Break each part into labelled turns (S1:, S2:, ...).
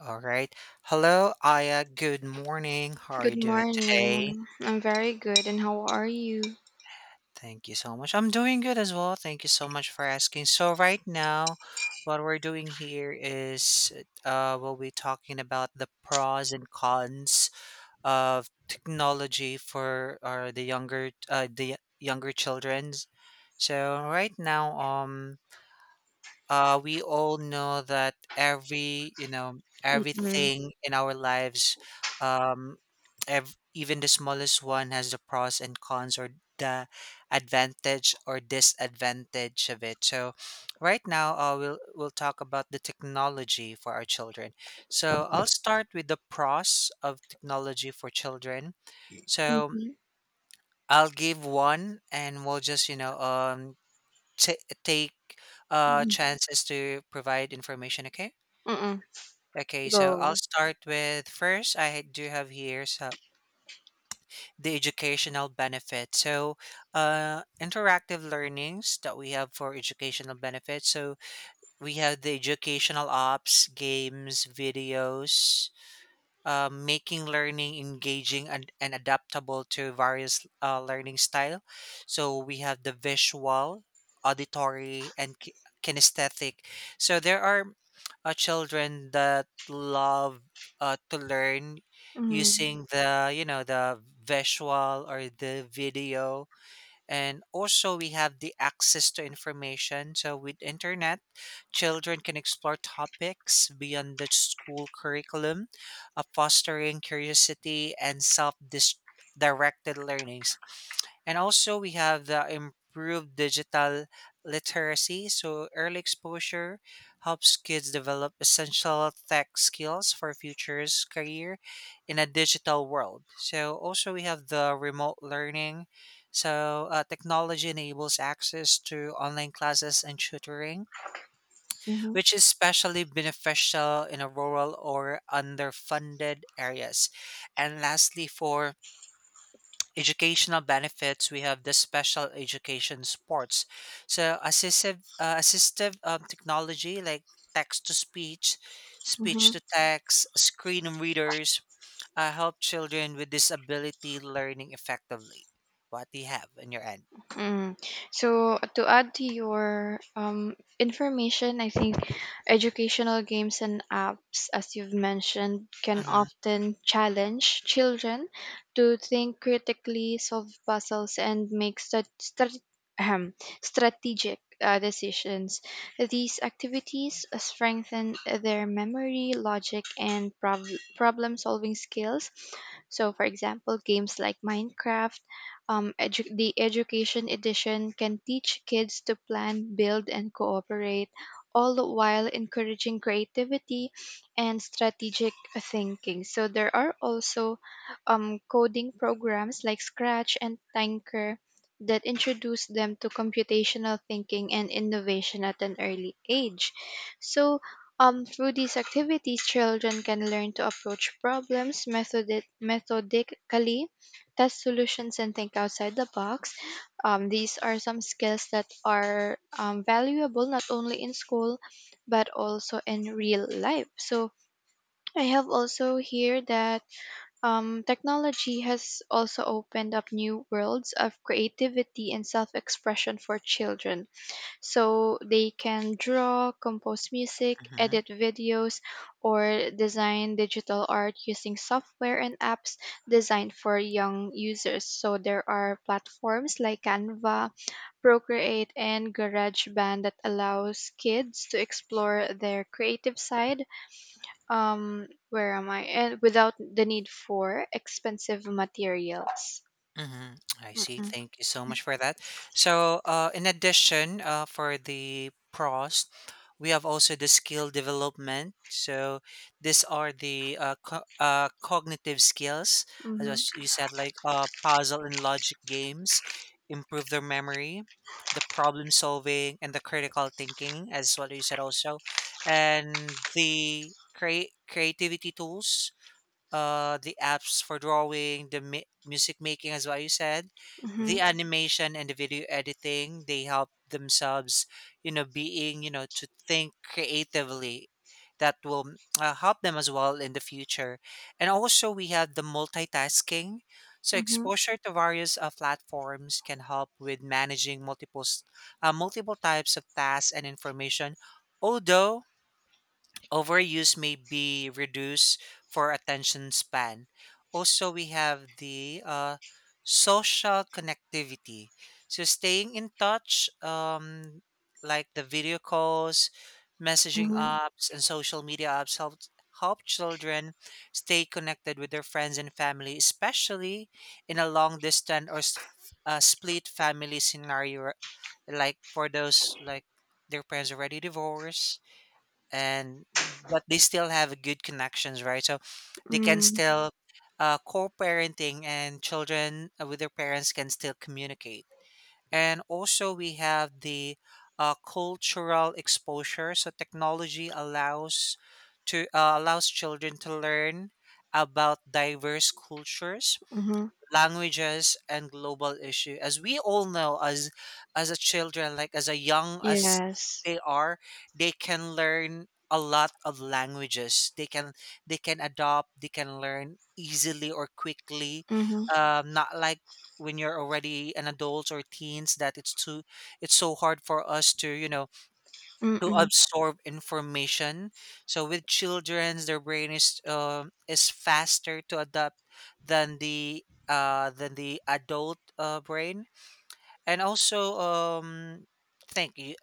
S1: All right. Hello, Aya. Good morning. How are
S2: Good
S1: you doing today?
S2: morning. I'm very good, and how are you?
S1: Thank you so much. I'm doing good as well. Thank you so much for asking. So right now, what we're doing here is we'll be talking about the pros and cons of technology for the younger the younger childrens. So right now, we all know that
S2: Mm-mm.
S1: everything in our lives um even the smallest one has the pros and cons, or the advantage or disadvantage of it. So right now, we'll talk about the technology for our children. So I'll start with the pros of technology for children. So
S2: Mm-hmm.
S1: I'll give one, and we'll just you know t- take chances to provide information. Okay.
S2: Mm-mm.
S1: Okay, so I'll
S2: Go.
S1: start with first. I do have here, so the educational benefit. So, interactive learnings that we have for educational benefits. So we have the educational apps, games, videos, making learning engaging and, adaptable to various learning style. So we have the visual, auditory, and kinesthetic. So there are children that love to learn
S2: Mm-hmm.
S1: using the you know the visual or the video. And also we have the access to information. So with internet, children can explore topics beyond the school curriculum, fostering curiosity and self directed learnings. And also, we have the improved digital literacy. So, early exposure helps kids develop essential tech skills for future's career in a digital world. So, also, we have the remote learning. So, technology enables access to online classes and tutoring, which is especially beneficial in a rural or underfunded areas. And lastly, for educational benefits, we have the special education sports. So assistive technology like text to speech,
S2: Mm-hmm.
S1: speech to text, screen readers help children with disability learning effectively. What do you have in your end?
S2: Mm. So to add to your information, I think educational games and apps, as you've mentioned, can
S1: Mm-hmm.
S2: often challenge children to think critically, solve puzzles, and make ahem, strategic decisions. These activities strengthen their memory, logic, and problem-solving skills. So, for example, games like Minecraft the education edition can teach kids to plan, build, and cooperate, all the while encouraging creativity and strategic thinking. So there are also coding programs like Scratch and Tanker that introduce them to computational thinking and innovation at an early age. So through these activities, children can learn to approach problems methodically, test solutions, and think outside the box. These are some skills that are valuable not only in school but also in real life. So I have also here that technology has also opened up new worlds of creativity and self expression for children, so they can draw, compose music, edit videos, or design digital art using software and apps designed for young users. So there are platforms like Canva, Procreate, and GarageBand that allows kids to explore their creative side. Where am I? And without the need for expensive materials.
S1: Hmm, I see.
S2: Mm-hmm.
S1: Thank you so much for that. So, in addition, for the pros, we have also the skill development. So, these are the cognitive skills, as
S2: Mm-hmm.
S1: you said, like puzzle and logic games, improve their memory, the problem solving, and the critical thinking, as what you said also. And the create creativity tools, the apps for drawing, the music making, as what you said, the animation and the video editing. They help themselves, you know, being, you know, to think creatively. That will help them as well in the future. And also, we have the multitasking. So,
S2: Mm-hmm.
S1: exposure to various platforms can help with managing multiple types of tasks and information. Although overuse may be reduced for attention span. Also, we have the social connectivity. So, staying in touch, like the video calls, messaging apps, and social media apps, help children stay connected with their friends and family, especially in a long distance or split family scenario, like for those like their parents already divorced, and but they still have good connections, right? So they can
S2: Mm-hmm.
S1: still co-parenting, and children with their parents can still communicate. And also we have the cultural exposure. So technology allows to allows children to learn about diverse cultures,
S2: Mm-hmm.
S1: languages, and global issue. As we all know, as a children, like as a young as
S2: Yes.
S1: they are, they can learn a lot of languages. They can adopt, they can learn easily or quickly,
S2: Mhm.
S1: not like when you're already an adult or teens, that it's too, it's so hard for us to, you know, to
S2: Mm-mm.
S1: absorb information. So with children, their brain is faster to adapt than the adult brain. And also, I think you,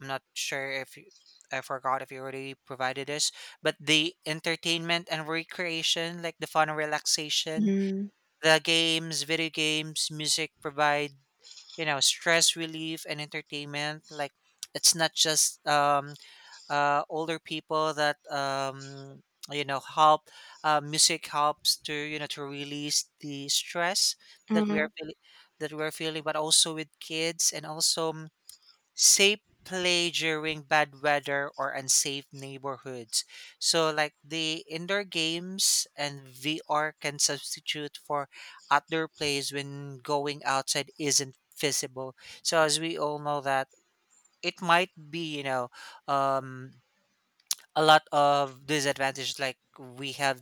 S1: I'm not sure if you, I forgot if you already provided this, but the entertainment and recreation, like the fun and relaxation,
S2: Mhm.
S1: the games, video games, music provide, you know, stress relief and entertainment. Like it's not just older people that, you know help music helps to, you know, to release the stress that we are
S2: Mhm.
S1: feeling that we are feeling, but also with kids. And also, safe play during bad weather or unsafe neighborhoods. So like the indoor games and VR can substitute for outdoor plays when going outside isn't feasible. So as we all know that it might be, you know, um a lot of disadvantages. Like we have,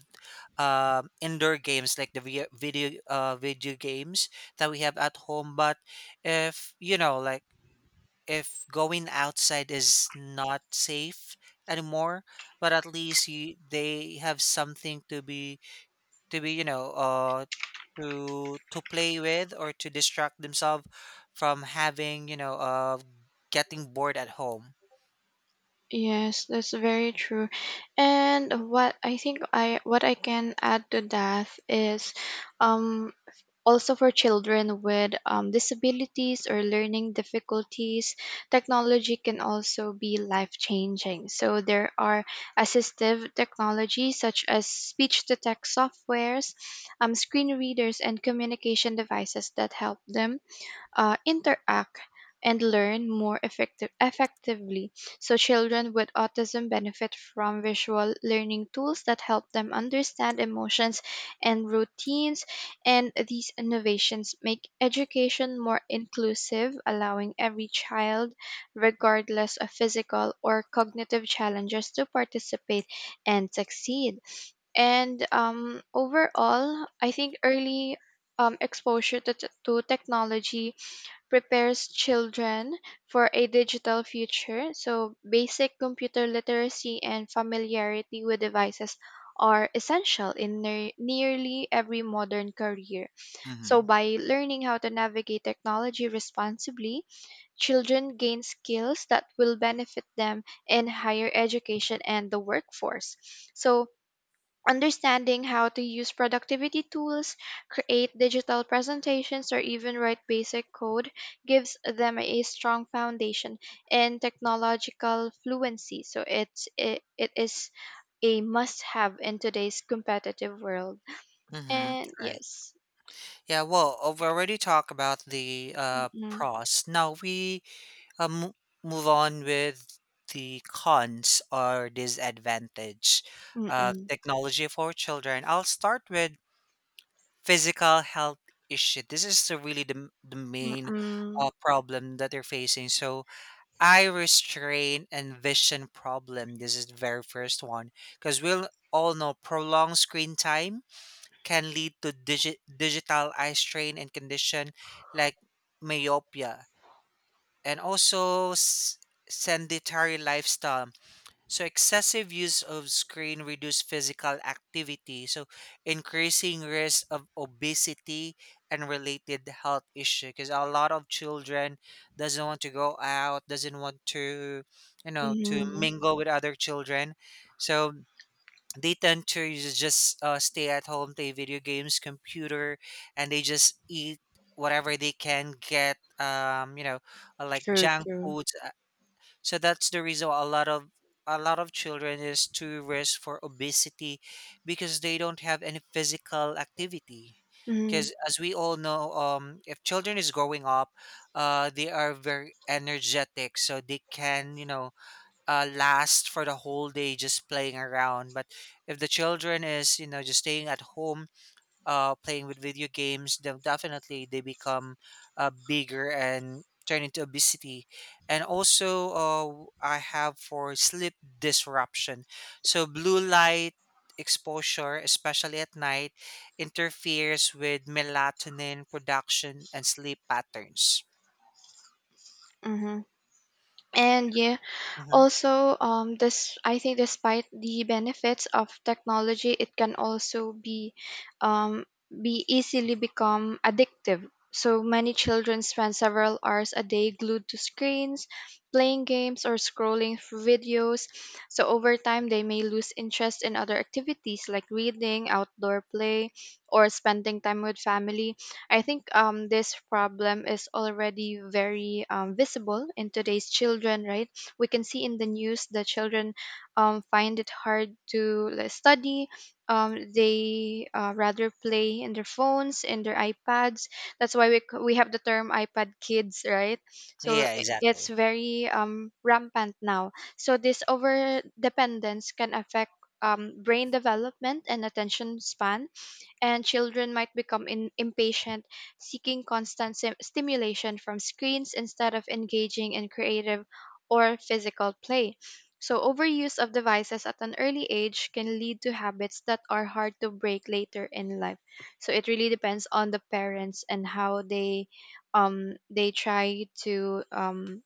S1: indoor games like the video games that we have at home. But if, you know, like if going outside is not safe anymore, but at least they have something to be, you know, to play with, or to distract themselves from having, you know, getting bored at home.
S2: Yes, that's very true. And what I can add to that is um also, for children with disabilities or learning difficulties, technology can also be life changing. So there are assistive technology such as speech to text softwares, screen readers, and communication devices that help them interact and learn more effectively. So, children with autism benefit from visual learning tools that help them understand emotions and routines. And these innovations make education more inclusive, allowing every child, regardless of physical or cognitive challenges, to participate and succeed. And overall, I think early exposure to, to technology prepares children for a digital future. So, basic computer literacy and familiarity with devices are essential in nearly every modern career. So,
S1: Mm-hmm.
S2: by learning how to navigate technology responsibly, children gain skills that will benefit them in higher education and the workforce. So, understanding how to use productivity tools, create digital presentations, or even write basic code gives them a strong foundation in technological fluency. So it is a must-have in today's competitive world.
S1: Mm-hmm.
S2: And yes.
S1: Yeah, well, we already talked about the
S2: Mm-mm.
S1: pros. Now we uh, mo- move on with the cons or disadvantage of
S2: Mm-mm.
S1: technology for children. I'll start with physical health issue. This is the, really the, the main
S2: Mm-mm.
S1: problem that they're facing. So eye restraint and vision problem. This is the very first one because we'll all know prolonged screen time can lead to digital eye strain and condition like myopia. And also sedentary lifestyle. So excessive use of screen reduce physical activity, so increasing risk of obesity and related health issue, because a lot of children doesn't want to go out, doesn't want to, you know, to
S2: Mm-hmm.
S1: mingle with other children. So they tend to just stay at home, play video games, computer, and they just eat whatever they can get. Like
S2: True,
S1: junk
S2: true.
S1: foods. So that's the reason why a lot of children is too risk for obesity, because they don't have any physical activity.
S2: Mm-hmm.
S1: Because as we all know, if children is growing up, they are very energetic, so they can, you know, last for the whole day just playing around. But if the children is, you know, just staying at home, playing with video games, then definitely they become bigger and turn into obesity. And also, I have for sleep disruption. So blue light exposure, especially at night, interferes with melatonin production and sleep patterns.
S2: Mm-hmm. And yeah.
S1: Hmm.
S2: Also, this, I think, despite the benefits of technology, it can also um, be easily become addictive. So many children spend several hours a day glued to screens, playing games or scrolling through videos. So over time, they may lose interest in other activities like reading, outdoor play, or spending time with family. I think this problem is already very visible in today's children, right? We can see in the news the children find it hard to like, study. They rather play in their phones and their iPads. That's why we have the term iPad kids, right? So
S1: Yeah,
S2: it's
S1: exactly.
S2: very rampant now. So this over dependence can affect brain development and attention span, and children might become impatient, seeking constant stimulation from screens instead of engaging in creative or physical play. So, overuse of devices at an early age can lead to habits that are hard to break later in life. So, it really depends on the parents and how they try to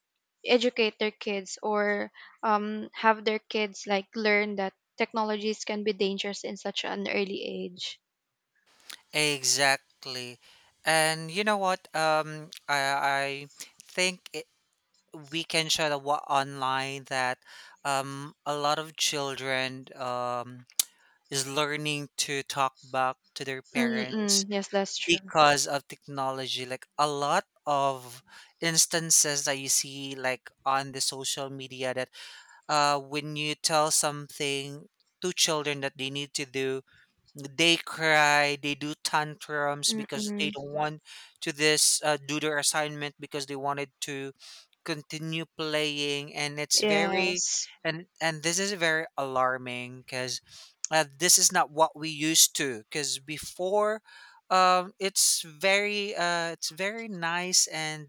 S2: educate their kids or have their kids like learn that technologies can be dangerous in such an early age.
S1: Exactly. And you know what? I think we can show the online that, a lot of children, is learning to talk back to their
S2: Mm-mm.
S1: parents
S2: Yes, that's true.
S1: because of technology. Like a lot of instances that you see like on the social media that, when you tell something to children that they need to do, they cry, they do tantrums because they
S2: Mm-mm.
S1: don't want to this do their assignment, because they wanted to continue playing, and it's very,
S2: Yes.
S1: and this is very alarming because this is not what we used to, because before, it's very nice and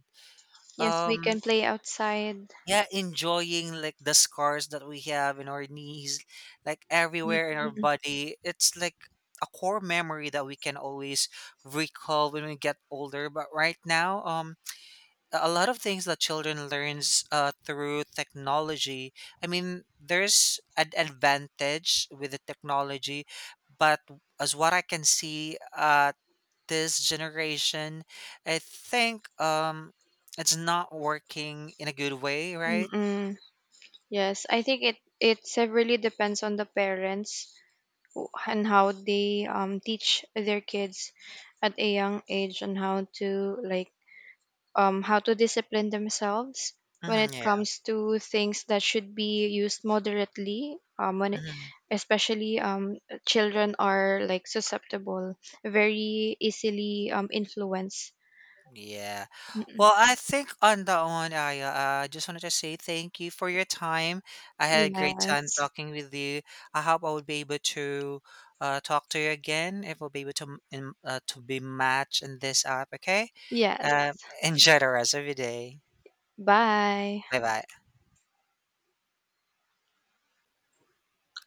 S2: Yes, we
S1: um,
S2: can play outside.
S1: yeah, enjoying like the scars that we have in our knees, like everywhere in our
S2: Mm-mm.
S1: body. It's like a core memory that we can always recall when we get older. But right now, a lot of things that children learns through technology, I mean, there's an advantage with the technology, but as what I can see, this generation, I think, it's not working in a good way, right?
S2: Mm-mm. Yes, I think it severely depends on the parents, and how they teach their kids at a young age on how to like how to discipline themselves when
S1: Mhm,
S2: it
S1: yeah.
S2: comes to things that should be used moderately,
S1: Mhm.
S2: especially children are like susceptible, very easily influenced.
S1: Yeah.
S2: Mm-mm.
S1: Well, I think on that one, I just wanted to say thank you for your time. I had a great time
S2: Yes.
S1: talking with you. I hope I would be able to talk to you again, if we'll be able to to be matched in this app. Okay. Uh,
S2: Yes.
S1: enjoy the rest of your day.
S2: Bye.
S1: Bye bye.